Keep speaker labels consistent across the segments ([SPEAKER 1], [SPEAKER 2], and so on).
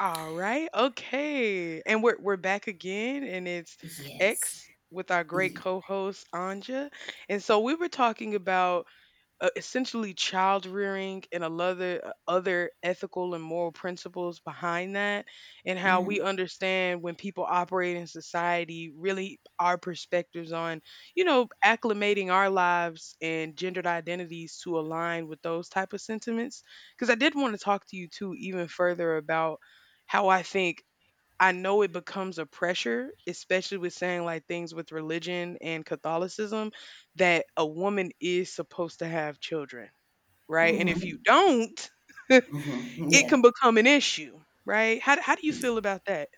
[SPEAKER 1] All right. Okay. And we're back again and it's
[SPEAKER 2] Yes.
[SPEAKER 1] X with our great
[SPEAKER 2] Yeah.
[SPEAKER 1] co-host Anja. And so we were talking about essentially child rearing and a other other ethical and moral principles behind that and how we
[SPEAKER 2] Mm-hmm.
[SPEAKER 1] understand when people operate in society, really our perspectives on acclimating our lives and gendered identities to align with those type of sentiments, because I did want to talk to you too even further about how I think. I know it becomes a pressure, especially with saying like things with religion and Catholicism, that a woman is supposed to have children, right? And if you don't,
[SPEAKER 2] Hmm,
[SPEAKER 1] it
[SPEAKER 2] yeah.
[SPEAKER 1] can become an issue, right? How do you feel about that?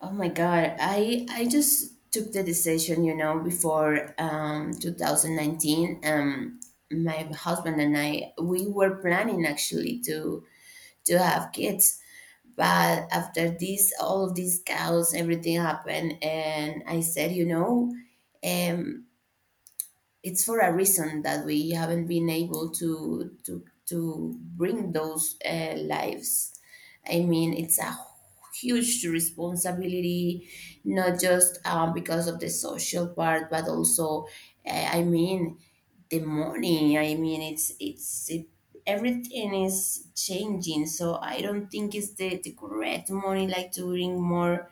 [SPEAKER 2] Oh my God. I just took the decision, you know, before 2019. My husband and I, we were planning actually to have kids, but after this, all of these cows, everything happened, and I said. um. It's for a reason that we haven't been able to bring those lives. I mean, it's a huge responsibility, not just because of the social part, but also, I mean, the money. I mean, it's, everything is changing, so I don't think it's the correct money like to bring more.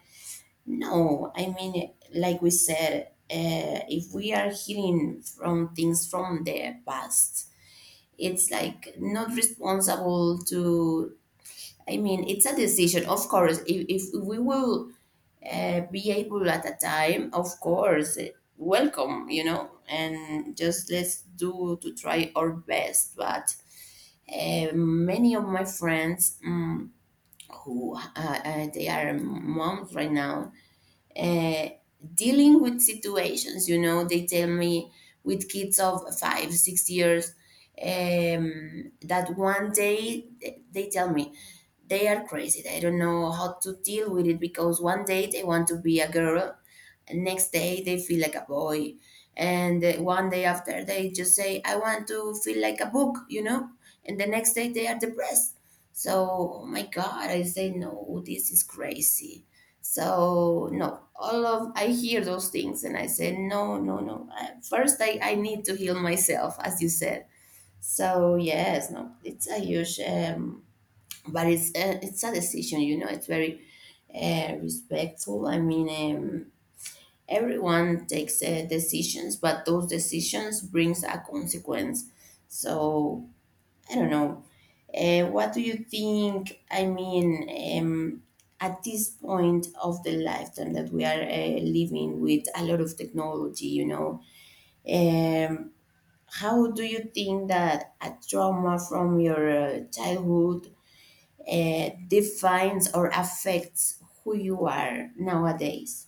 [SPEAKER 2] No, I mean, like we said, if we are healing from things from the past, it's like not responsible to. I mean, it's a decision, of course. If we will be able at a time, of course, welcome, and just let's do to try our best. But many of my friends, who they are moms right now, uh, dealing with situations, they tell me, with kids of 5 6 years, that one day they tell me they are crazy. They don't know how to deal with it, because one day they want to be a girl, and next day they feel like a boy, and one day after they just say, "I want to feel like a book," and the next day they are depressed. So, oh my God, I say no, this is crazy. So no, all of I hear those things and I say no, no, no. First, I need to heal myself, as you said. So yes, no, it's a huge, but it's a decision, it's very respectful, I mean. um, Everyone takes decisions, but those decisions brings a consequence, so I don't know, what do you think, I mean? um, at this point of the lifetime that we are living with a lot of technology, um, how do you think that a trauma from your childhood defines or affects who you are nowadays?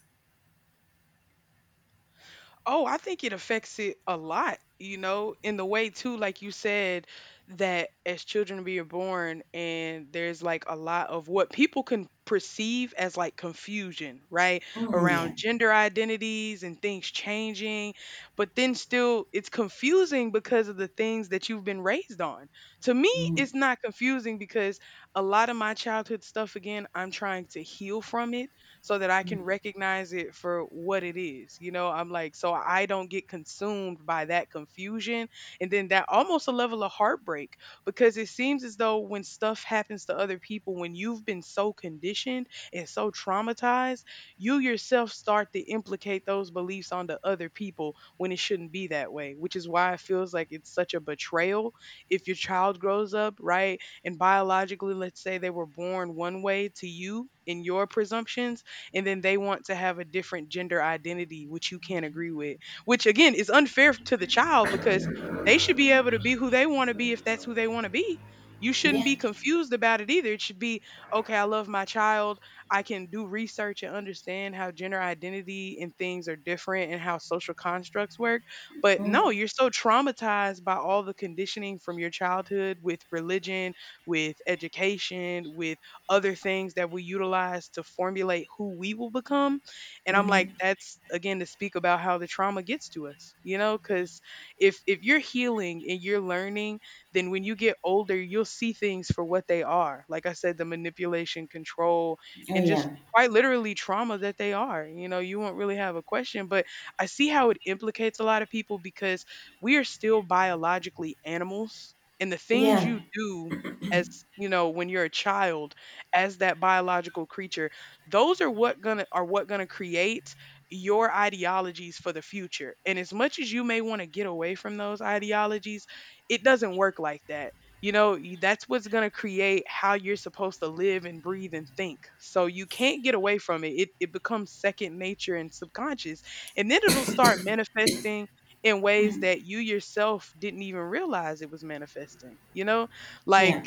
[SPEAKER 1] Oh, I think it affects it a lot, you know, in the way too, like you said, that as children we are born and there's like a lot of what people can perceive as like confusion, right?
[SPEAKER 2] Mm, yeah.
[SPEAKER 1] Around gender identities and things changing, but then still it's confusing because of the things that you've been raised on. To me,
[SPEAKER 2] Mm,
[SPEAKER 1] it's not confusing because a lot of my childhood stuff, again, I'm trying to heal from it so that I can
[SPEAKER 2] mm,
[SPEAKER 1] recognize it for what it is. You know, I'm like, so I don't get consumed by that confusion. And then that almost a level of heartbreak because it seems as though when stuff happens to other people, when you've been so conditioned and so traumatized, you yourself start to implicate those beliefs onto other people when it shouldn't be that way, which is why it feels like it's such a betrayal if your child grows up, right? And biologically, let's say they were born one way to you in your presumptions and then they want to have a different gender identity which you can't agree with, which again is unfair to the child because they should be able to be who they want to be if that's who they want to be. You shouldn't
[SPEAKER 2] yeah.
[SPEAKER 1] be confused about it either. It should be okay. I love my child. I can do research and understand how gender identity and things are different and how social constructs work, but
[SPEAKER 2] Mm,
[SPEAKER 1] no, you're so traumatized by all the conditioning from your childhood, with religion, with education, with other things that we utilize to formulate who we will become. And I'm like,
[SPEAKER 2] mhm.
[SPEAKER 1] that's again to speak about how the trauma gets to us, you know, because if you're healing and you're learning, then when you get older, you'll see things for what they are. Like I said, the manipulation, control,
[SPEAKER 2] Oh,
[SPEAKER 1] and just
[SPEAKER 2] yeah.
[SPEAKER 1] quite literally trauma that they are. You know, you won't really have a question, but I see how it implicates a lot of people because we are still biologically animals. And the things
[SPEAKER 2] Yeah.
[SPEAKER 1] you do as, you know, when you're a child, as that biological creature, those are what gonna create your ideologies for the future. And as much as you may want to get away from those ideologies, it doesn't work like that, you know. That's what's going to create how you're supposed to live and breathe and think, so you can't get away from it. It becomes second nature and subconscious, and then it'll start manifesting in ways
[SPEAKER 2] Mhm.
[SPEAKER 1] that you yourself didn't even realize it was manifesting, you know. Like,
[SPEAKER 2] Yeah.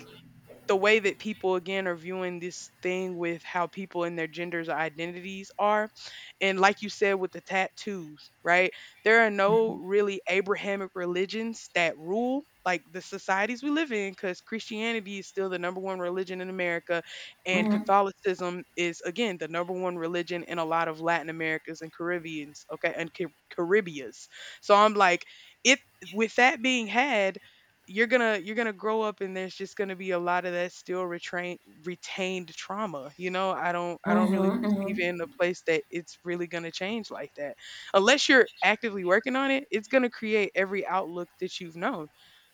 [SPEAKER 1] the way that people again are viewing this thing with how people and their genders identities are, and like you said with the tattoos, right? There are no
[SPEAKER 2] Mm-hmm.
[SPEAKER 1] really Abrahamic religions that rule like the societies we live in, because Christianity is still the number one religion in America, and
[SPEAKER 2] Mm-hmm.
[SPEAKER 1] Catholicism is again the number one religion in a lot of Latin Americas and Caribbeans. Okay, and Caribbeas. So I'm like, it, with that being had, you're gonna grow up, and there's just gonna be a lot of that still retrain retained trauma, you know. I don't really
[SPEAKER 2] Mm-hmm.
[SPEAKER 1] perceive it
[SPEAKER 2] Mm-hmm.
[SPEAKER 1] in a place that it's really gonna change like that unless you're actively working on it. It's gonna create every outlook that you've known,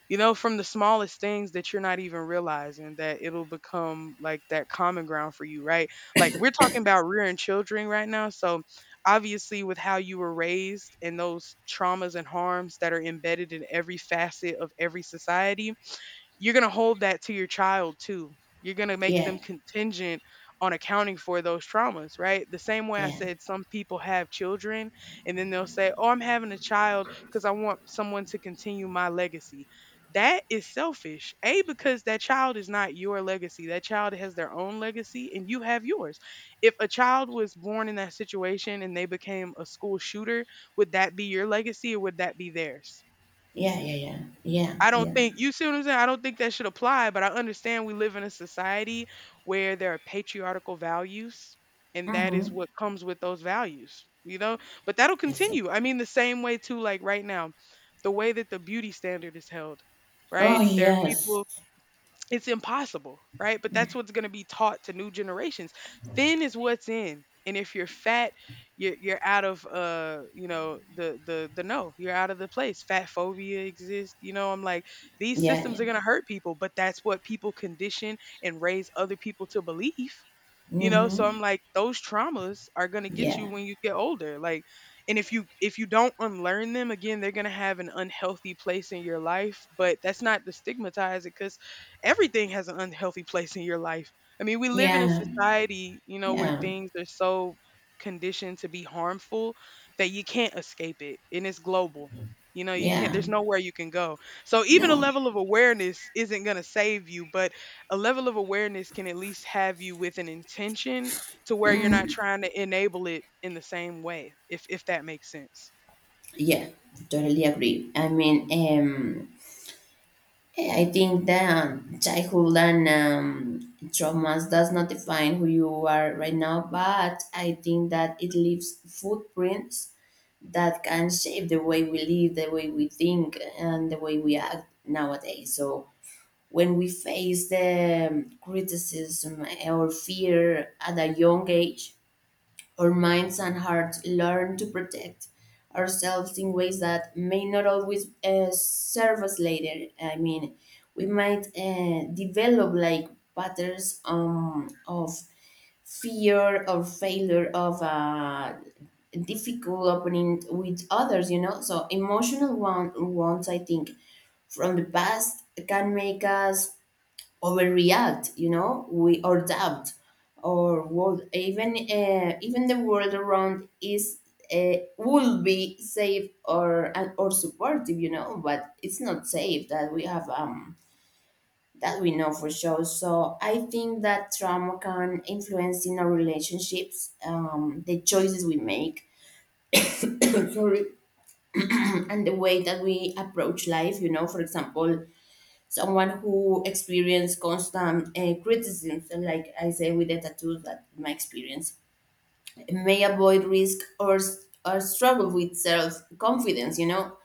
[SPEAKER 1] you know, from the smallest things that you're not even realizing, that it'll become like that common ground for you, right? Like, we're talking about rearing children right now. So obviously with how you were raised and those traumas and harms that are embedded in every facet of every society, you're gonna hold that to your child too. You're gonna make
[SPEAKER 2] Yeah.
[SPEAKER 1] them contingent on accounting for those traumas, right? The same way I
[SPEAKER 2] Yeah.
[SPEAKER 1] said, some people have children and then they'll say, "Oh, I'm having a child because I want someone to continue my legacy." That is selfish. A, because that child is not your legacy. That child has their own legacy and you have yours. If a child was born in that situation and they became a school shooter, would that be your legacy or would that be theirs?
[SPEAKER 2] Yeah. Yeah. Yeah. Yeah.
[SPEAKER 1] I don't
[SPEAKER 2] Yeah.
[SPEAKER 1] think, you see what I'm saying? I don't think that should apply, but I understand we live in a society where there are patriarchal values, and that is
[SPEAKER 2] Mm-hmm.
[SPEAKER 1] what comes with those values, you know? But that'll
[SPEAKER 2] Exactly.
[SPEAKER 1] continue. I mean, the same way too, like right now, the way that the beauty standard is held,
[SPEAKER 2] Oh,
[SPEAKER 1] right? There are
[SPEAKER 2] yes.
[SPEAKER 1] people, it's impossible, right? But that's
[SPEAKER 2] Mm.
[SPEAKER 1] what's going to be taught to new generations. Thin is what's in, and if you're fat, you're out of you know the no, you're out of the place. Fat phobia exists. You know, I'm like, these
[SPEAKER 2] Yeah.
[SPEAKER 1] systems
[SPEAKER 2] Yeah.
[SPEAKER 1] are going to hurt people, but that's what people condition and raise other people to believe, you know. So
[SPEAKER 2] Mm-hmm.
[SPEAKER 1] I'm like, those traumas are going to get you
[SPEAKER 2] Yeah.
[SPEAKER 1] when you get older, like, and if you don't unlearn them again, they're going to have an unhealthy place in your life. But that's not to stigmatize it, because everything has an unhealthy place in your life. I mean, we live in a
[SPEAKER 2] Yeah.
[SPEAKER 1] society, you know, where
[SPEAKER 2] Yeah.
[SPEAKER 1] things are so conditioned to be harmful that you can't escape it, and it's global. You know, you can't,
[SPEAKER 2] Yeah.
[SPEAKER 1] there's nowhere you can go. So even a
[SPEAKER 2] No.
[SPEAKER 1] level of awareness isn't going to save you, but a level of awareness can at least have you with an intention to where you're not
[SPEAKER 2] Mm-hmm.
[SPEAKER 1] trying to enable it in the same way, if that makes sense.
[SPEAKER 2] Yeah. Totally agree. I mean, yeah, I think that childhood and traumas does not define who you are right now, but I think that it leaves footprints that can shape the way we live, the way we think, and the way we act nowadays. So when we face the criticism or fear at a young age, our minds and hearts learn to protect ourselves in ways that may not always serve us later. I mean, we might develop like patterns of fear or failure of a difficult opening with others, you know? So, emotional one, wounds, I think, from the past can make us overreact, we or doubt, or would even, even the world around is will be safe, or and, or supportive, but it's not safe that we have, that we know for sure. So I think that trauma can influence in our relationships, the choices we make, sorry, and the way that we approach life. You know, for example, someone who experienced constant criticism, so like I say with the tattoos, that my experience may avoid risk, or or struggle with self confidence, you know,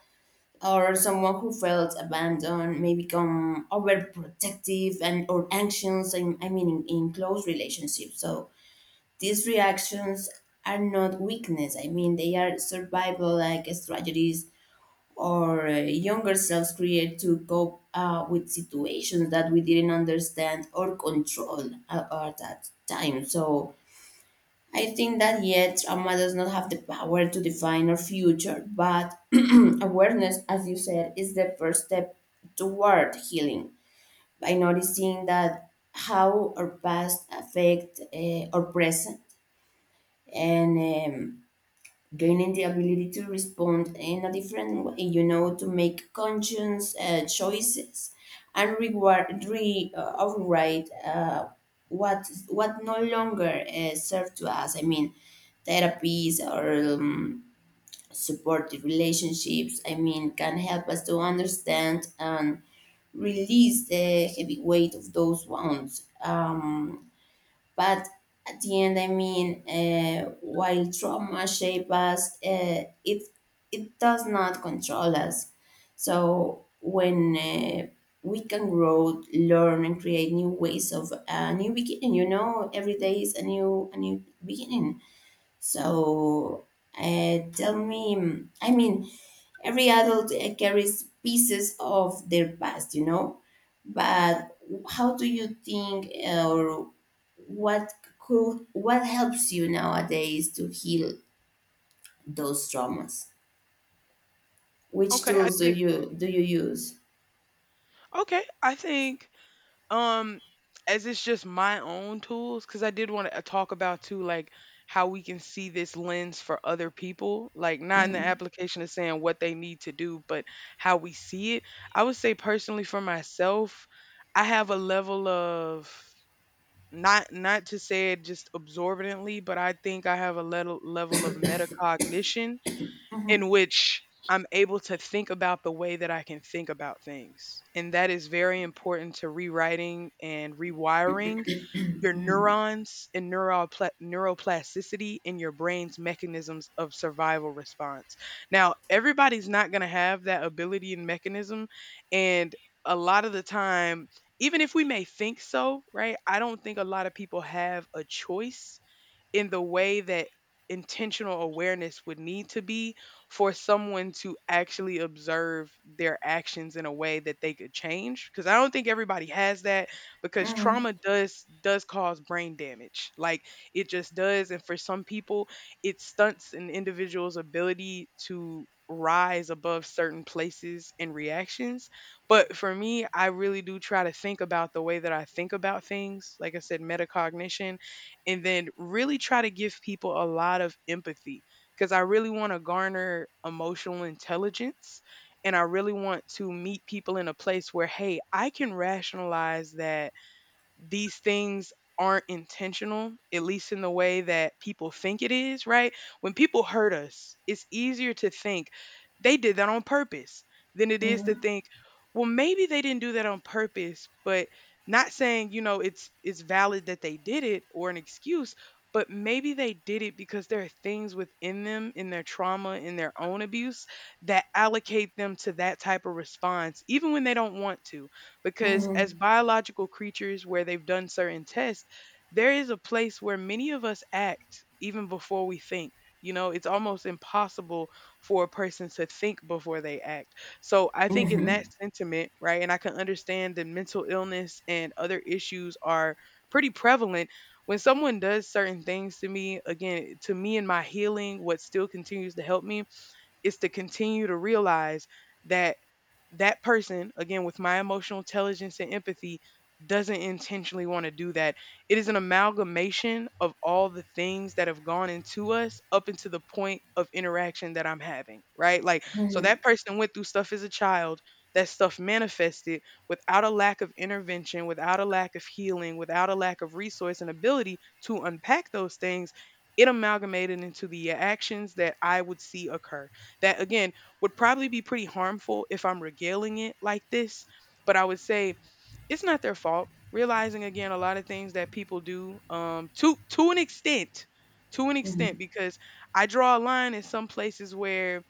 [SPEAKER 2] or someone who felt abandoned may become overprotective and or anxious. And I mean, in close relationships, so these reactions are not weakness. I mean, they are survival like strategies or younger selves create to cope with situations that we didn't understand or control at that time. So I think that yet trauma does not have the power to define our future, but awareness, as you said, is the first step toward healing by noticing that how our past affect our present, and gaining the ability to respond in a different way, you know, to make conscious choices and reward, override what no longer serve to us. I mean, therapies or, supportive relationships, I mean, can help us to understand and release the heavy weight of those wounds. But at the end, I mean, while trauma shape us, it does not control us. So when, we can grow, learn, and create new ways of a new beginning, you know, every day is a new beginning. So, tell me, I mean, every adult carries pieces of their past, you know, but how do you think, or what could, what helps you nowadays to heal those traumas? Which
[SPEAKER 1] Okay, I
[SPEAKER 2] tools do
[SPEAKER 1] think,
[SPEAKER 2] you use?
[SPEAKER 1] okay, I think um as it's just my own tools, because I did want to talk about too, like, how we can see this lens for other people, like not in the
[SPEAKER 2] Mhm,
[SPEAKER 1] application of saying what they need to do, but how we see it. I would say personally for myself, I have a level of, not to say it just absorbently, but I think I have a level of metacognition
[SPEAKER 2] mhm,
[SPEAKER 1] in which I'm able to think about the way that I can think about things. And that is very important to rewriting and rewiring your
[SPEAKER 2] mhm,
[SPEAKER 1] neurons and neuroplasticity in your brain's mechanisms of survival response. Now, everybody's not going to have that ability and mechanism. And a lot of the time, even if we may think so, right? I don't think a lot of people have a choice in the way that intentional awareness would need to be for someone to actually observe their actions in a way that they could change, because I don't think everybody has that, because
[SPEAKER 2] mhm,
[SPEAKER 1] trauma does cause brain damage, like, it just does. And for some people, it stunts an individual's ability to rise above certain places and reactions. But for me, I really do try to think about the way that I think about things, like I said, metacognition. And then really try to give people a lot of empathy, because I really want to garner emotional intelligence, and I really want to meet people in a place where, hey, I can rationalize that these things aren't intentional, at least in the way that people think it is, right? When people hurt us, it's easier to think they did that on purpose than it is to
[SPEAKER 2] mhm,
[SPEAKER 1] think, well, maybe they didn't do that on purpose, but not saying, you know, it's valid that they did it, or an excuse, but maybe they did it because there are things within them, in their trauma, in their own abuse, that allocate them to that type of response, even when they don't want to. Because as
[SPEAKER 2] mhm,
[SPEAKER 1] biological creatures, where they've done certain tests, there is a place where many of us act even before we think. You know, it's almost impossible for a person to think before they act. So I think in that
[SPEAKER 2] mhm,
[SPEAKER 1] sentiment, right, and I can understand that mental illness and other issues are pretty prevalent. When someone does certain things to me, again, to me and my healing, what still continues to help me is to continue to realize that that person, again, with my emotional intelligence and empathy, doesn't intentionally want to do that. It is an amalgamation of all the things that have gone into us up into the point of interaction that I'm having, right? Like, so
[SPEAKER 2] mhm,
[SPEAKER 1] that person went through stuff as a child, that stuff manifested without a lack of intervention, without a lack of healing, without a lack of resource and ability to unpack those things. It amalgamated into the actions that I would see occur that again would probably be pretty harmful if I'm regaling it like this. But I would say it's not their fault. Realizing again a lot of things that people do to an extent, to an
[SPEAKER 2] mhm,
[SPEAKER 1] extent, because I draw a line in some places where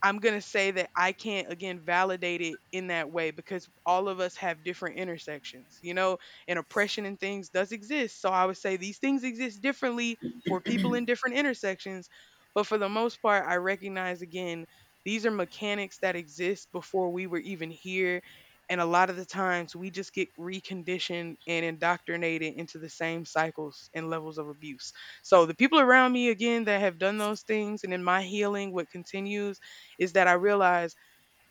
[SPEAKER 1] I'm going to say that I can't again validate it in that way because all of us have different intersections, you know, and oppression and things does exist. So I would say these things exist differently for people in different intersections. But for the most part, I recognize again, these are mechanics that exist before we were even here. And a lot of the times we just get reconditioned and indoctrinated into the same cycles and levels of abuse. So the people around me, again, that have done those things and in my healing, what continues is that I realize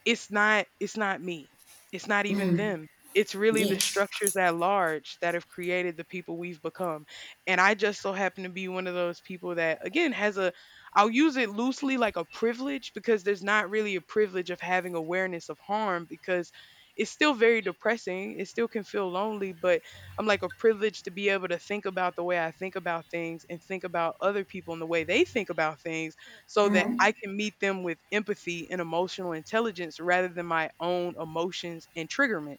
[SPEAKER 1] it's not me. It's not even
[SPEAKER 2] mhm.
[SPEAKER 1] them. It's really
[SPEAKER 2] Yeah.
[SPEAKER 1] the structures at large that have created the people we've become. And I just so happen to be one of those people that again has a I'll use it loosely like a privilege because there's not really a privilege of having awareness of harm because it's still very depressing. It still can feel lonely, but I'm like a privilege to be able to think about the way I think about things and think about other people and the way they think about things so that I
[SPEAKER 2] Mhm.
[SPEAKER 1] can meet them with empathy and emotional intelligence rather than my own emotions and triggerment.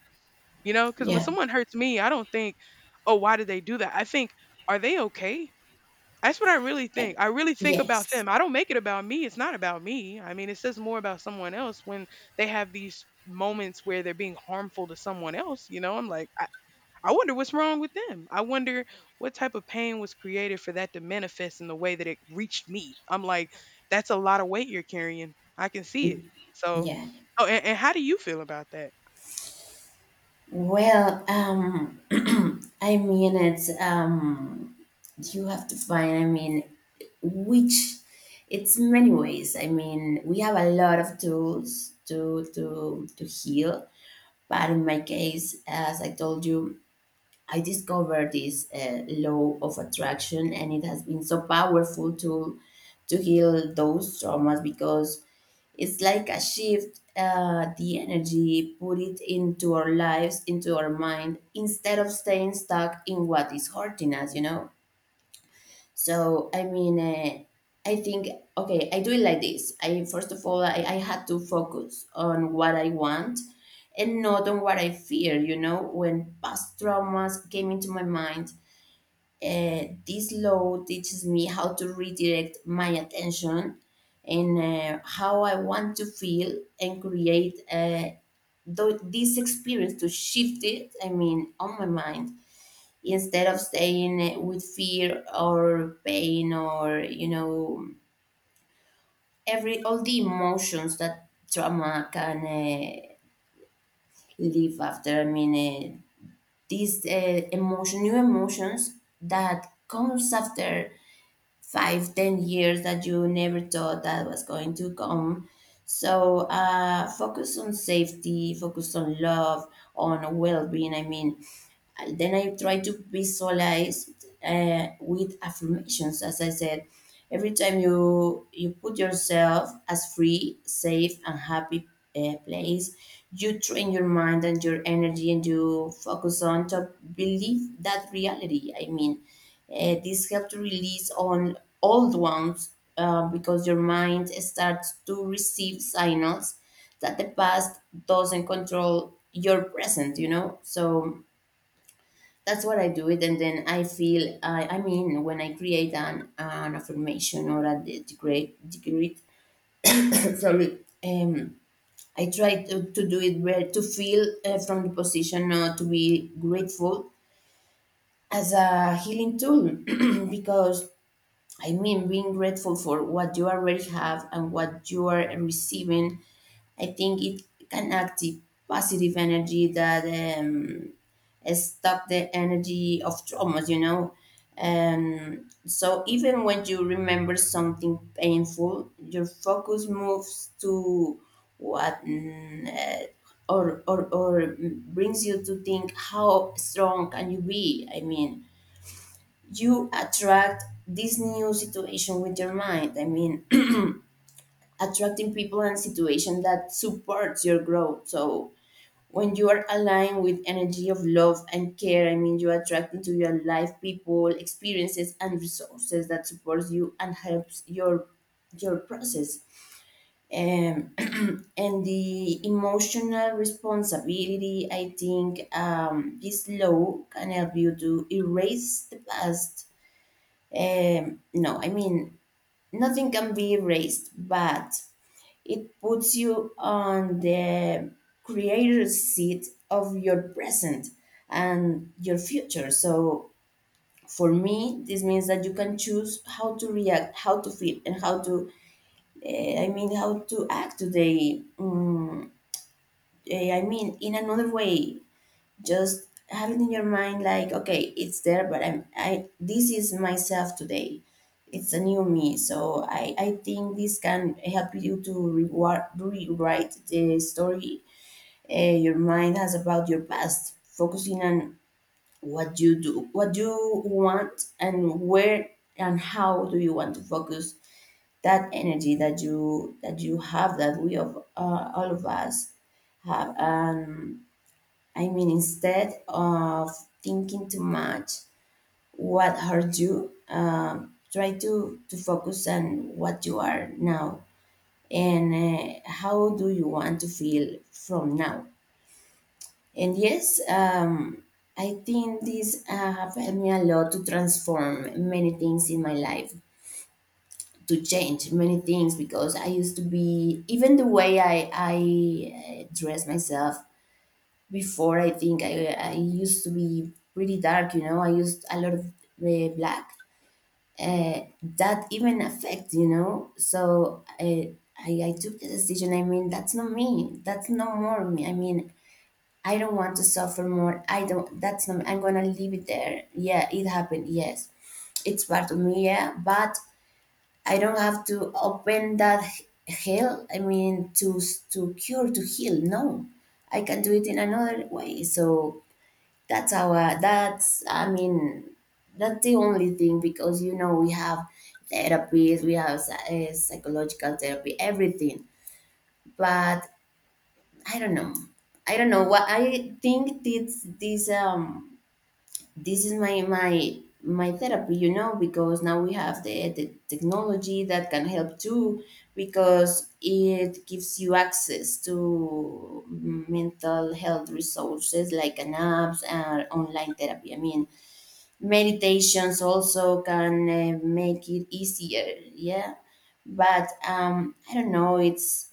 [SPEAKER 1] You know, because when
[SPEAKER 2] Yeah.
[SPEAKER 1] someone hurts me, I don't think, oh, why did they do that? I think, are they okay? That's what I really
[SPEAKER 2] Eh,
[SPEAKER 1] think. I really think about
[SPEAKER 2] Yes.
[SPEAKER 1] them. I don't make it about me. It's not about me. I mean, it says more about someone else when they have these moments where they're being harmful to someone else. You know, I'm like, I wonder what's wrong with them. I wonder what type of pain was created for that to manifest in the way that it reached me. I'm like, that's a lot of weight you're carrying. I can see it. So,
[SPEAKER 2] Yeah.
[SPEAKER 1] oh, and how do you feel about that?
[SPEAKER 2] Well, I mean, it's, you have to find, I mean, which, it's many ways. I mean, we have a lot of tools to heal, but in my case, as I told you, I discovered this law of attraction, and it has been so powerful to heal those traumas, because it's like a shift, the energy, put it into our lives, into our mind, instead of staying stuck in what is hurting us. You know. So I mean, I think, okay, I do it like this. I, first of all, I had to focus on what I want and not on what I fear. You know, when past traumas came into my mind, this law teaches me how to redirect my attention and, how I want to feel and create, this experience to shift it. I mean, on my mind, instead of staying, with fear or pain or, every all the emotions that trauma can, leave after, I mean, these emotion new emotions that comes after 5 10 years that you never thought that was going to come. So, focus on safety, focus on love, on well-being, I mean. Then I try to visualize, with affirmations, as I said. Every time you put yourself as free, safe, and happy, place, you train your mind and your energy, and you focus on to believe that reality. I mean, this helps to release on old ones, because your mind starts to receive signals that the past doesn't control your present. You know, so that's what I do it, and then I feel I mean, when I create an affirmation or a degree, sorry, I try to do it where to feel, from the position, to be grateful as a healing tool. Because, I mean, being grateful for what you already have and what you are receiving, I think it can act the positive energy that, um, stop the energy of traumas, you know. And so even when you remember something painful, your focus moves to what, or, brings you to think, how strong can you be? I mean, you attract this new situation with your mind. I mean, attracting people and situation that supports your growth. So when you are aligned with energy of love and care, I mean, you attract into your life people, experiences, and resources that supports you and helps your process. And the emotional responsibility, I think, this law can help you to erase the past. No, I mean, nothing can be erased, but it puts you on the creator's seat of your present and your future. So for me, this means that you can choose how to react, how to feel, and how to, I mean, how to act today. I mean, in another way, just have it in your mind like, okay, it's there, but I'm I this is myself today. It's a new me, so I think this can help you to reward, rewrite the story, uh, your mind has about your past, focusing on what you do, what you want, and where and how do you want to focus that energy that you have, that we, of all of us have, and I mean, instead of thinking too much what hurt you, try to focus on what you are now, and how do you want to feel from now. And yes, I think this have helped me a lot to transform many things in my life, to change many things because I used to be even the way I dress myself. Before, I think I used to be pretty dark, you know. I used a lot of black. That even affect, you know. So I took the decision. I mean, that's not me. That's no more me. I mean, I don't want to suffer more. I don't. That's not. I'm gonna leave it there. Yeah, it happened. Yes, it's part of me. Yeah, but I don't have to open that hell. I mean, to cure to heal. No, I can do it in another way. So that's our that's I mean that's the only thing, because you know we have therapies, we have psychological therapy, everything. But I don't know. I don't know what I think. This this is my therapy, you know, because now we have the technology that can help too, because it gives you access to mental health resources like an apps and online therapy. I mean, meditations also can make it easier. Yeah, but I don't know. It's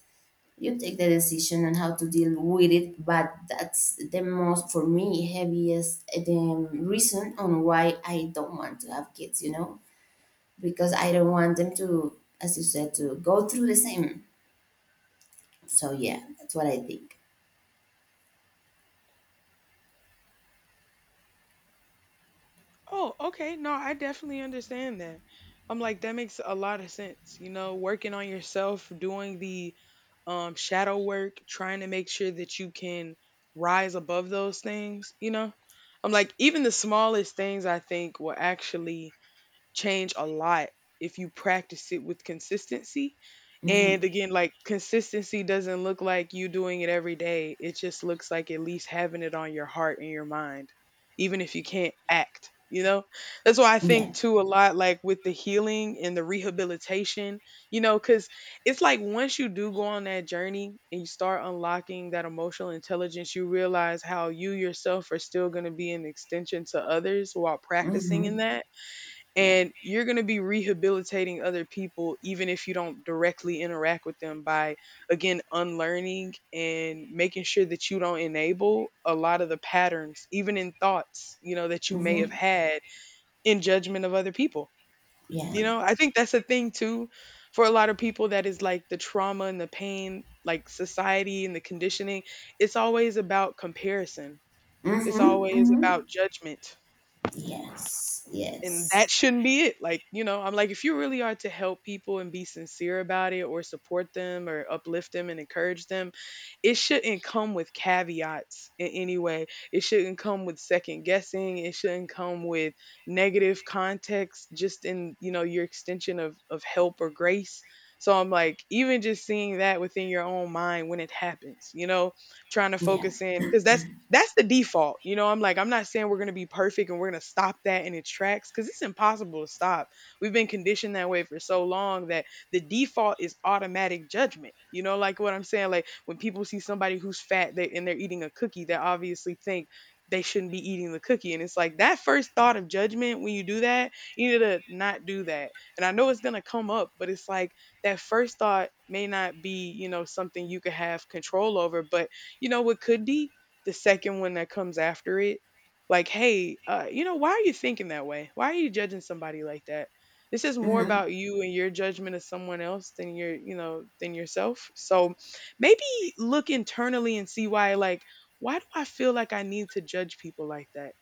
[SPEAKER 2] You take the decision on how to deal with it, but that's the most, for me, heaviest, the reason on why I don't want to have kids, you know. Because I don't want them to, as you said, to go through the same. So yeah, that's what I think.
[SPEAKER 1] Oh, okay. No, I definitely understand that. I'm like, that makes a lot of sense. You know, working on yourself, doing the shadow work, trying to make sure that you can rise above those things, you know? I'm like, even the smallest things I think will actually change a lot if you practice it with consistency.
[SPEAKER 2] Hmm.
[SPEAKER 1] And again, like consistency doesn't look like you doing it every day. It just looks like at least having it on your heart and your mind, even if you can't act, you know? That's why I
[SPEAKER 2] Yeah.
[SPEAKER 1] think too a lot like with the healing and the rehabilitation, you know, because it's like once you do go on that journey and you start unlocking that emotional intelligence, you realize how you yourself are still going to be an extension to others while practicing in
[SPEAKER 2] Hmm.
[SPEAKER 1] that,
[SPEAKER 2] Yeah.
[SPEAKER 1] and you're going to be rehabilitating other people even if you don't directly interact with them by again unlearning and making sure that you don't enable a lot of the patterns even in thoughts, you know, that you may have
[SPEAKER 2] Hmm.
[SPEAKER 1] had in judgment of other people.
[SPEAKER 2] Yeah.
[SPEAKER 1] You know, I think that's a thing too, for a lot of people that is like the trauma and the pain, like society and the conditioning, it's always about comparison,
[SPEAKER 2] Hmm.
[SPEAKER 1] it's always about
[SPEAKER 2] Hmm.
[SPEAKER 1] judgment,
[SPEAKER 2] Yes,
[SPEAKER 1] and
[SPEAKER 2] yes.
[SPEAKER 1] that shouldn't be it. Like, you know, I'm like, if you really are to help people and be sincere about it or support them or uplift them and encourage them, it shouldn't come with caveats in any way, it shouldn't come with second guessing, it shouldn't come with negative context just in, you know, your extension of help or grace. So I'm like, even just seeing that within your own mind when it happens, you know, trying to
[SPEAKER 2] Yeah.
[SPEAKER 1] focus in, because that's the default. You know, I'm like, I'm not saying we're going to be perfect and we're going to stop that in its tracks because it's impossible to stop. We've been conditioned that way for so long that the default is automatic judgment. You know, like what I'm saying? Like when people see somebody who's fat they, and they're eating a cookie, they obviously think they shouldn't be eating the cookie. And it's like that first thought of judgment when you do that, you need to not do that. And I know it's going to come up, but it's like that first thought may not be, you know, something you could have control over, but you know what could be? The second one that comes after it, like, hey, you know, why are you thinking that way, why are you judging somebody like that? This is more
[SPEAKER 2] Mm-hmm.
[SPEAKER 1] about you and your judgment of someone else than your, you know, than yourself. So maybe look internally and see why. Like, why do I feel like I need to judge people like that?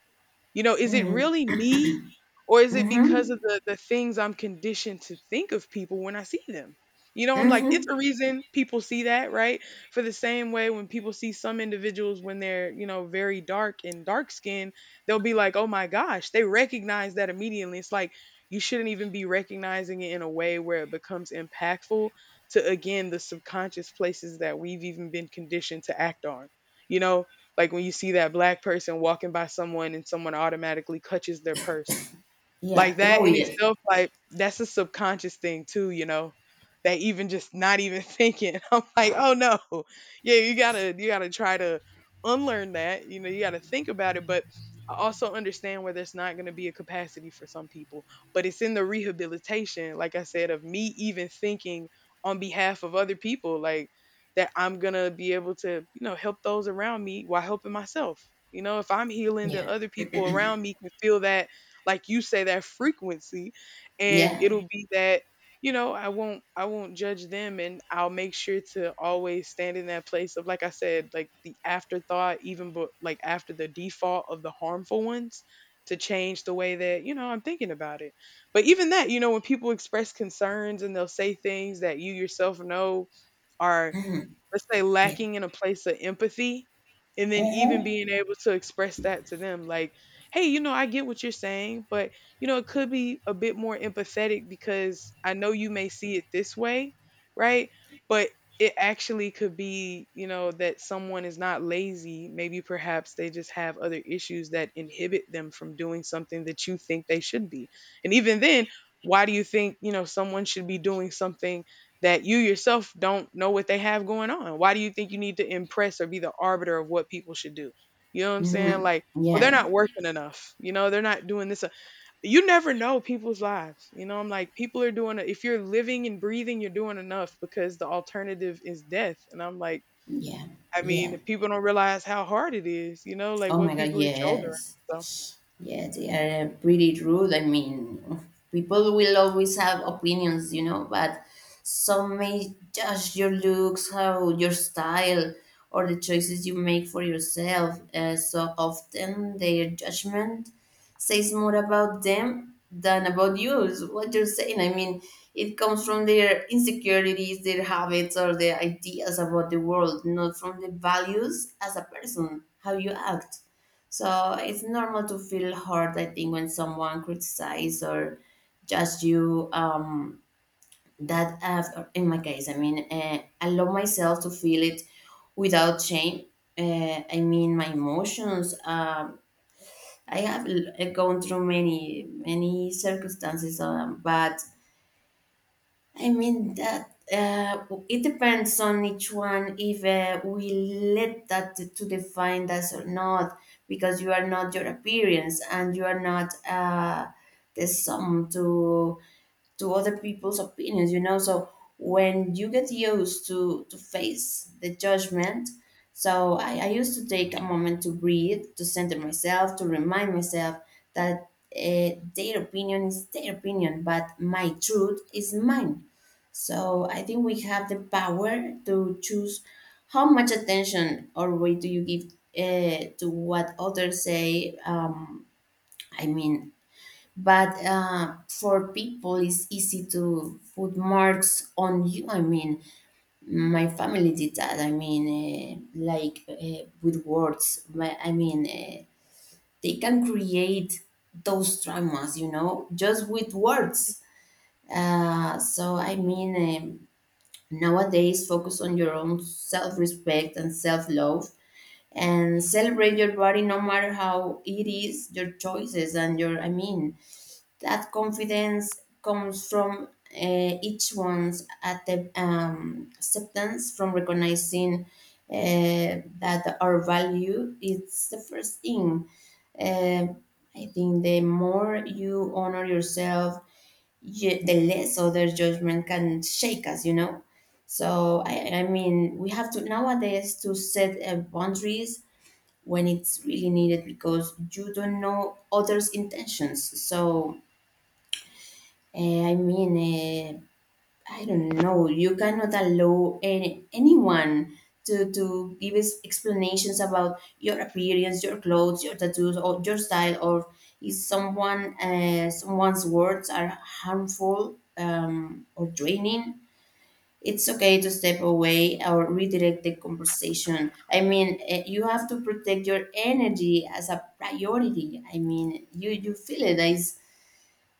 [SPEAKER 1] You know, is it
[SPEAKER 2] Mm-hmm.
[SPEAKER 1] really me, or is it because
[SPEAKER 2] Mm-hmm.
[SPEAKER 1] of the things I'm conditioned to think of people when I see them? You know, I'm like, it's
[SPEAKER 2] Mm-hmm.
[SPEAKER 1] a reason people see that, right? For the same way when people see some individuals when they're, you know, very dark and dark skinned, they'll be like, oh my gosh, they recognize that immediately. It's like, you shouldn't even be recognizing it in a way where it becomes impactful to, again, the subconscious places that we've even been conditioned to act on. You know, like when you see that black person walking by someone and someone automatically clutches their purse,
[SPEAKER 2] Yeah.
[SPEAKER 1] like that
[SPEAKER 2] Oh
[SPEAKER 1] in
[SPEAKER 2] yes.
[SPEAKER 1] itself, like that's a subconscious thing too, you know. That even just not even thinking. I'm like, oh no. Yeah, you gotta try to unlearn that. You know, you gotta think about it. But I also understand where there's not gonna be a capacity for some people. But it's in the rehabilitation, like I said, of me even thinking on behalf of other people, like, that I'm gonna be able to, you know, help those around me while helping myself. You know, if I'm healing, then
[SPEAKER 2] Yeah.
[SPEAKER 1] other people around me can feel that, like you say, that frequency, and
[SPEAKER 2] Yeah.
[SPEAKER 1] it'll be that. You know, I won't judge them, and I'll make sure to always stand in that place of, like I said, like the afterthought even, but like after the default of the harmful ones, to change the way that, you know, I'm thinking about it. But even that, you know, when people express concerns and they'll say things that you yourself know are,
[SPEAKER 2] Mm-hmm.
[SPEAKER 1] let's say,
[SPEAKER 2] Yeah.
[SPEAKER 1] lacking in a place of empathy, and then even
[SPEAKER 2] Mm-hmm.
[SPEAKER 1] being able to express that to them, like, hey, you know, I get what you're saying, but, you know, it could be a bit more empathetic, because I know you may see it this way, right, but it actually could be, you know, that someone is not lazy, maybe perhaps they just have other issues that inhibit them from doing something that you think they should be. And even then, why do you think, you know, someone should be doing something that you yourself don't know what they have going on. Why do you think you need to impress or be the arbiter of what people should do? You know what I'm saying?
[SPEAKER 2] Mm-hmm.
[SPEAKER 1] Like, well, they're
[SPEAKER 2] Yeah.
[SPEAKER 1] not working enough. You know, they're not doing this. You never know people's lives. You know, I'm like, people are doing it. If you're living and breathing, you're doing enough because the alternative is death. And I'm like,
[SPEAKER 2] Yeah.
[SPEAKER 1] I
[SPEAKER 2] Yeah.
[SPEAKER 1] mean, people don't realize how hard it is, you know, like
[SPEAKER 2] Oh my
[SPEAKER 1] what
[SPEAKER 2] god,
[SPEAKER 1] people are shouldering.
[SPEAKER 2] yes.
[SPEAKER 1] So,
[SPEAKER 2] Yeah, they are pretty rude. I mean, people will always have opinions, you know, but some may judge your looks, how your style, or the choices you make for yourself. So often their judgment says more about them than about you. Is what you're saying. I mean, it comes from their insecurities, their habits, or their ideas about the world, not from the values as a person, how you act. So it's normal to feel hurt, I think, when someone criticizes or judge you. That, in my case, I mean, allow myself to feel it without shame. I mean, my emotions. I have gone through many, many circumstances, but I mean that, it depends on each one if, we let that to, define us or not, because you are not your appearance and you are not the sum to other people's opinions, you know. So when you get used to face the judgment, so I used to take a moment to breathe, to center myself, to remind myself that, their opinion is their opinion, but my truth is mine. So I think we have the power to choose how much attention or weight do you give, to what others say. I mean, but, for people it's easy to put marks on you. I mean, my family did that. I mean, like, with words. But, I mean, they can create those traumas, you know, just with words. So I mean, nowadays, focus on your own self-respect and self-love, and celebrate your body no matter how it is, your choices, and your, I mean, that confidence comes from, each one's at the, acceptance, from recognizing, that our value is the first thing. uh, I think the more you honor yourself, you, the less other judgment can shake us, you know. So I mean we have to nowadays to set boundaries when it's really needed, because you don't know others intentions. So I mean, I don't
[SPEAKER 1] mm.
[SPEAKER 2] know. You cannot allow anyone to, give us explanations about your appearance, your clothes, your tattoos, or your style, or if someone's words are harmful, or draining. It's okay to step away or redirect the conversation. I mean, you have to protect your energy as a priority. I mean, you feel it. It's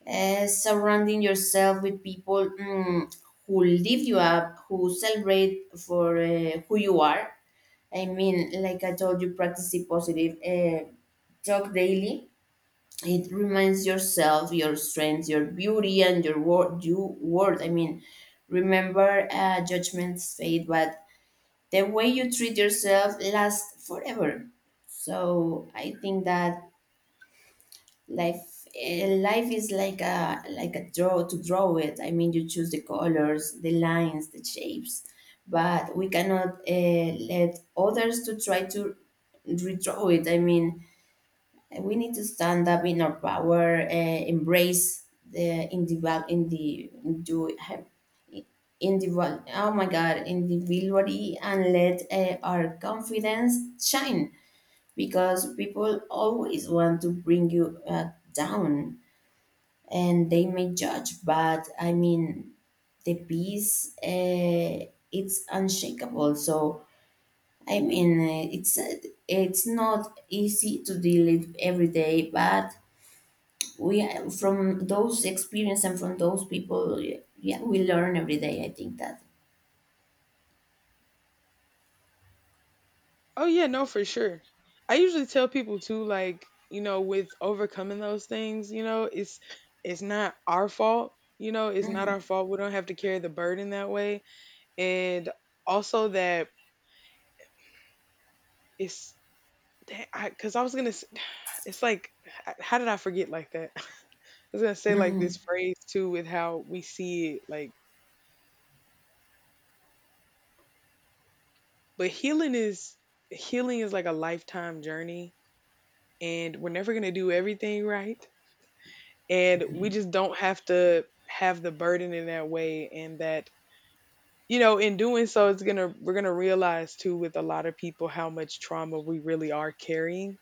[SPEAKER 2] surrounding yourself with people, who lift you up, who celebrate for, who you are. I mean, like I told you, practicing positive, talk daily. It reminds yourself your strengths, your beauty, and your word. You word. I mean, remember, judgments fade, but the way you treat yourself lasts forever. So I think that life is like a draw to draw it. I mean, you choose the colors, the lines, the shapes, but we cannot let others to try to redraw it. I mean, we need to stand up in our power, embrace the individual in the do individual, oh my god, individuality, and let our confidence shine, because people always want to bring you, down, and they may judge, but I mean, the peace, it's unshakable. So, I mean, it's not easy to deal it every day, but we, from those experience and from those people, yeah, we learn every day. I think that.
[SPEAKER 1] Oh yeah, no, for sure. I usually tell people too, like, you know, with overcoming those things, you know, it's not our fault. You know, it's not our
[SPEAKER 2] Hmm.
[SPEAKER 1] fault. We don't have to carry the burden that way. And also that it's that I, because I was gonna, s- it's like, h- how did I forget like that? I was gonna say like
[SPEAKER 2] Mm-hmm.
[SPEAKER 1] this phrase too with how we see it, like, but healing is like a lifetime journey, and we're never gonna do everything right, and we just don't have to have the burden in that way. And that, you know, in doing so, it's gonna, we're gonna realize too, with a lot of people, how much trauma we really are carrying,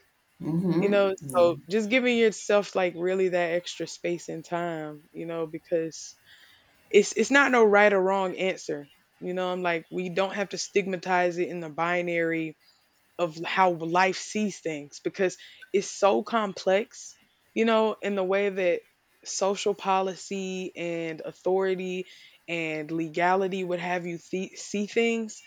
[SPEAKER 1] you
[SPEAKER 2] Mm-hmm.
[SPEAKER 1] know.
[SPEAKER 2] Yeah.
[SPEAKER 1] So just giving yourself like really that extra space and time, you know, because it's not no right or wrong answer. You know, I'm like, we don't have to stigmatize it in the binary of how life sees things, because it's so complex, you know, in the way that social policy and authority and legality would have you see things,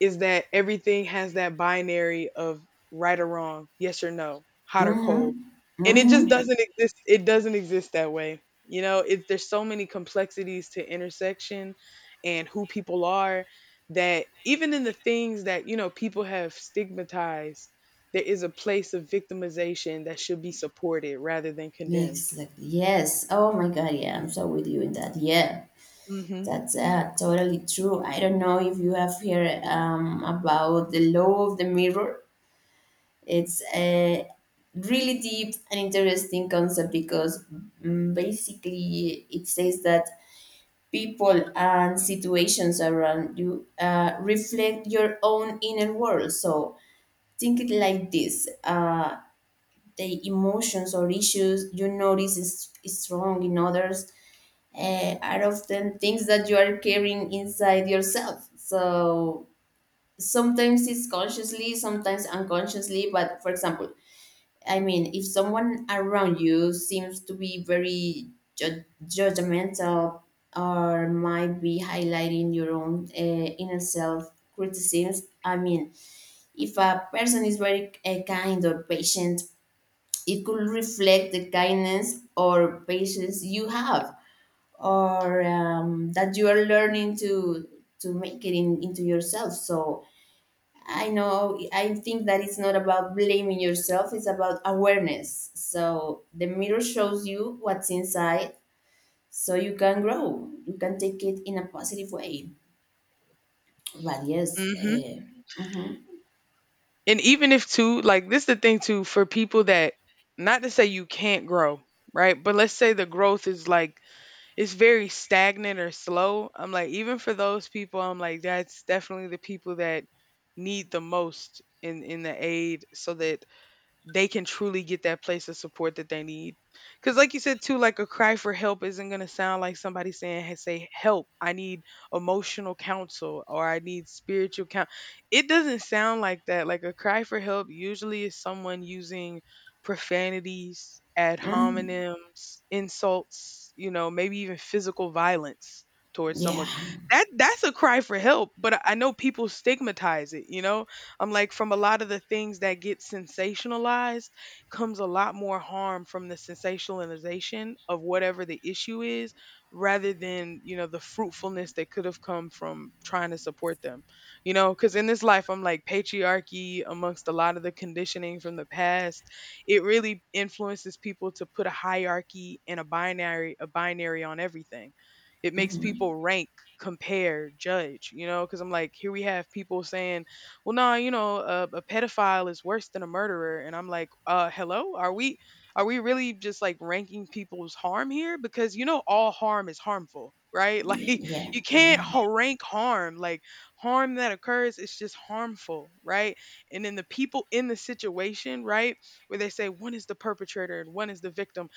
[SPEAKER 1] is that everything has that binary of right or wrong, yes or no, hot or cold.
[SPEAKER 2] Mm-hmm.
[SPEAKER 1] And it just
[SPEAKER 2] Mm-hmm.
[SPEAKER 1] doesn't exist it doesn't exist that way. You know, it, there's so many complexities to intersection and who people are, that even in the things that, you know, people have stigmatized, there is a place of victimization that should be supported rather than condemned.
[SPEAKER 2] Exactly. Yes. Oh my God. Yeah, I'm so with you in that. Yeah.
[SPEAKER 1] Mhm.
[SPEAKER 2] That's totally true. I don't know if you have heard, about the law of the mirror. It's a really deep and interesting concept, because, basically, it says that people and situations around you, reflect your own inner world. So think it like this, the emotions or issues you notice is strong in others, are often things that you are carrying inside yourself. So sometimes it's consciously, sometimes unconsciously. But for example, I mean, if someone around you seems to be very judgmental, or might be highlighting your own, inner self criticisms, I mean, if a person is very kind or patient, it could reflect the kindness or patience you have, or, that you are learning to make it into yourself. So I know, I think that it's not about blaming yourself, it's about awareness. So the mirror shows you what's inside, so you can grow, you can take it in a positive way. But yes. Mhm.
[SPEAKER 1] And even if too, like, this is the thing too, for people that, not to say you can't grow, right? But let's say the growth is like, it's very stagnant or slow. I'm like, even for those people, I'm like, that's definitely the people that need the most in the aid, so that they can truly get that place of support that they need. Because, like you said, too, like, a cry for help isn't going to sound like somebody saying, hey, say, help, I need emotional counsel or I need spiritual counsel. It doesn't sound like that. Like, a cry for help usually is someone using profanities, ad
[SPEAKER 2] Mhm.
[SPEAKER 1] hominems, insults, you know, maybe even physical violence towards
[SPEAKER 2] Yeah.
[SPEAKER 1] someone. That that's a cry for help, but I know people stigmatize it, you know? I'm like, from a lot of the things that get sensationalized comes a lot more harm from the sensationalization of whatever the issue is, rather than, you know, the fruitfulness that could have come from trying to support them. You know, because in this life, I'm like, patriarchy amongst a lot of the conditioning from the past, it really influences people to put a hierarchy and a binary on everything. It makes
[SPEAKER 2] Mhm.
[SPEAKER 1] people rank, compare, judge, you know, because I'm like, here we have people saying, well, no, you know, a pedophile is worse than a murderer. And I'm like, hello, are we really just like ranking people's harm here? Because, you know, all harm is harmful, right? Like,
[SPEAKER 2] Yeah, yeah,
[SPEAKER 1] you can't
[SPEAKER 2] yeah.
[SPEAKER 1] rank harm. Like, harm that occurs is just harmful, right? And then the people in the situation, right, where they say one is the perpetrator and one is the victim,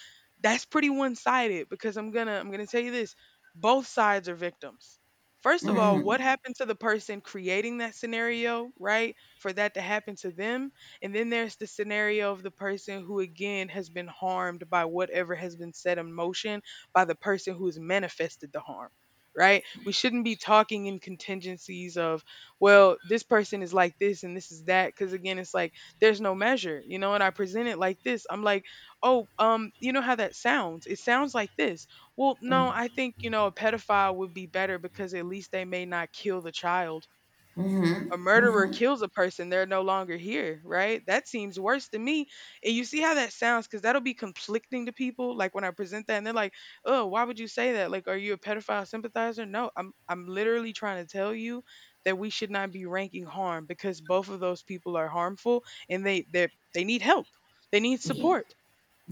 [SPEAKER 1] that's pretty one sided. Because I'm gonna tell you this: both sides are victims. First of all, what
[SPEAKER 2] Mhm.
[SPEAKER 1] happened to the person creating that scenario, right? For that to happen to them. And then there's the scenario of the person who, again, has been harmed by whatever has been set in motion by the person who has manifested the harm, right? We shouldn't be talking in contingencies of, well, this person is like this and this is that. Because, again, it's like, there's no measure, you know? And I present it like this, I'm like, oh, you know how that sounds? It sounds like this: well, no,
[SPEAKER 2] Mhm.
[SPEAKER 1] I think, you know, a pedophile would be better because at least they may not kill the child.
[SPEAKER 2] Mhm.
[SPEAKER 1] A murderer
[SPEAKER 2] Mhm.
[SPEAKER 1] kills a person, they're no longer here, right? That seems worse to me. And you see how that sounds, because that'll be conflicting to people. Like, when I present that and they're like, oh, why would you say that? Like, are you a pedophile sympathizer? No, I'm literally trying to tell you that we should not be ranking harm, because both of those people are harmful and they need help. They need
[SPEAKER 2] Yeah,
[SPEAKER 1] support.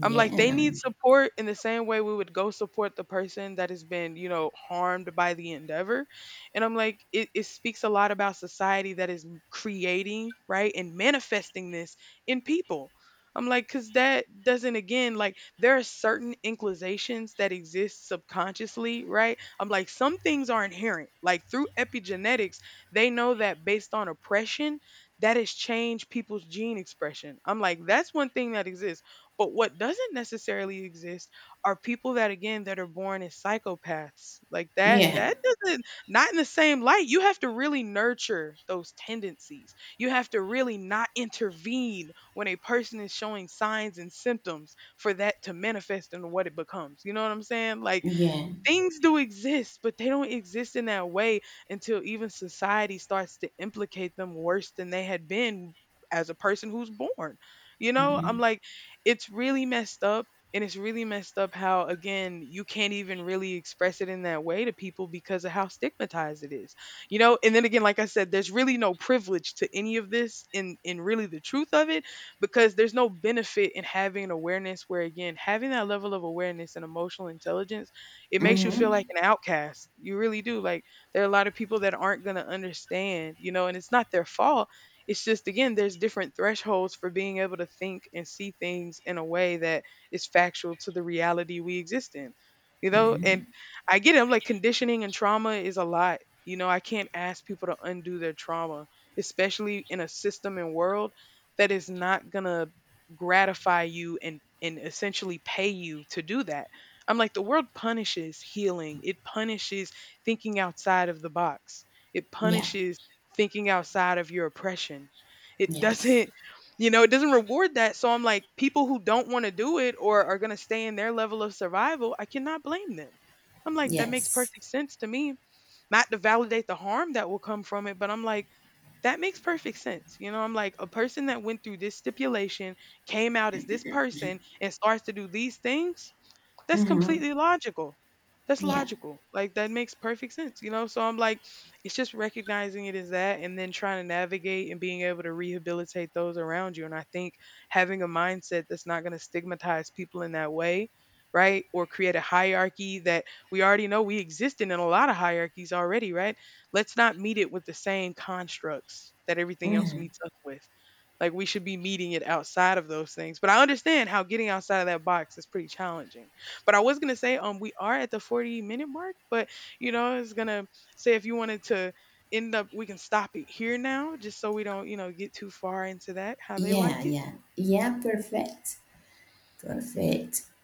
[SPEAKER 1] I'm like, they need support in the same way we would go support the person that has been, you know, harmed by the endeavor. And I'm like, it speaks a lot about society that is creating, right, and manifesting this in people. I'm like, because that doesn't, again, like, there are certain inclinations that exist subconsciously, right? I'm like, some things are inherent. Like, through epigenetics, they know that based on oppression, that has changed people's gene expression. I'm like, that's one thing that exists, but what doesn't necessarily exist are people that, again, that are born as psychopaths. Like, that
[SPEAKER 2] yeah,
[SPEAKER 1] that doesn't, not in the same light. You have to really nurture those tendencies. You have to really not intervene when a person is showing signs and symptoms for that to manifest into what it becomes. You know what I'm saying? Like,
[SPEAKER 2] yeah.
[SPEAKER 1] things do exist, but they don't exist in that way until even society starts to implicate them worse than they had been as a person who's born. You know,
[SPEAKER 2] Mhm.
[SPEAKER 1] I'm like, it's really messed up. And it's really messed up how, again, you can't even really express it in that way to people because of how stigmatized it is, you know. And then again, like I said, there's really no privilege to any of this in really the truth of it, because there's no benefit in having an awareness where, again, having that level of awareness and emotional intelligence, it makes you feel
[SPEAKER 2] Mhm.
[SPEAKER 1] like an outcast. You really do. Like, there are a lot of people that aren't going to understand, you know, and it's not their fault. It's just, again, there's different thresholds for being able to think and see things in a way that is factual to the reality we exist in. You know, and
[SPEAKER 2] Mhm.
[SPEAKER 1] I get it. I'm like, conditioning and trauma is a lot. You know, I can't ask people to undo their trauma, especially in a system and world that is not going to gratify you and essentially pay you to do that. I'm like, the world punishes healing. It punishes thinking outside of the box. It
[SPEAKER 2] Yeah.
[SPEAKER 1] punishes thinking outside of your oppression. It
[SPEAKER 2] Yes.
[SPEAKER 1] doesn't, you know, it doesn't reward that. So I'm like, people who don't want to do it or are going to stay in their level of survival, I cannot blame them. I'm like, that makes
[SPEAKER 2] Yes.
[SPEAKER 1] perfect sense to me. Not to validate the harm that will come from it, but I'm like, that makes perfect sense. You know, I'm like, a person that went through this stipulation came out as this person and starts to do these things, that's
[SPEAKER 2] Mm-hmm.
[SPEAKER 1] completely logical. That's
[SPEAKER 2] Yeah.
[SPEAKER 1] logical. Like, that makes perfect sense, you know? So I'm like, it's just recognizing it as that and then trying to navigate and being able to rehabilitate those around you. And I think having a mindset that's not going to stigmatize people in that way, right? Or create a hierarchy that, we already know we exist in a lot of hierarchies already, right? Let's not meet it with the same constructs that everything else
[SPEAKER 2] Mm-hmm.
[SPEAKER 1] meets us with. Like, we should be meeting it outside of those things. But I understand how getting outside of that box is pretty challenging. But I was gonna say, we are at the 40-minute mark, but you know, it's gonna say, if you wanted to end up, we can stop it here now, just so we don't, you know, get too far into that, how they
[SPEAKER 2] Yeah.
[SPEAKER 1] like it.
[SPEAKER 2] Yeah. Yeah. Perfect. Perfect.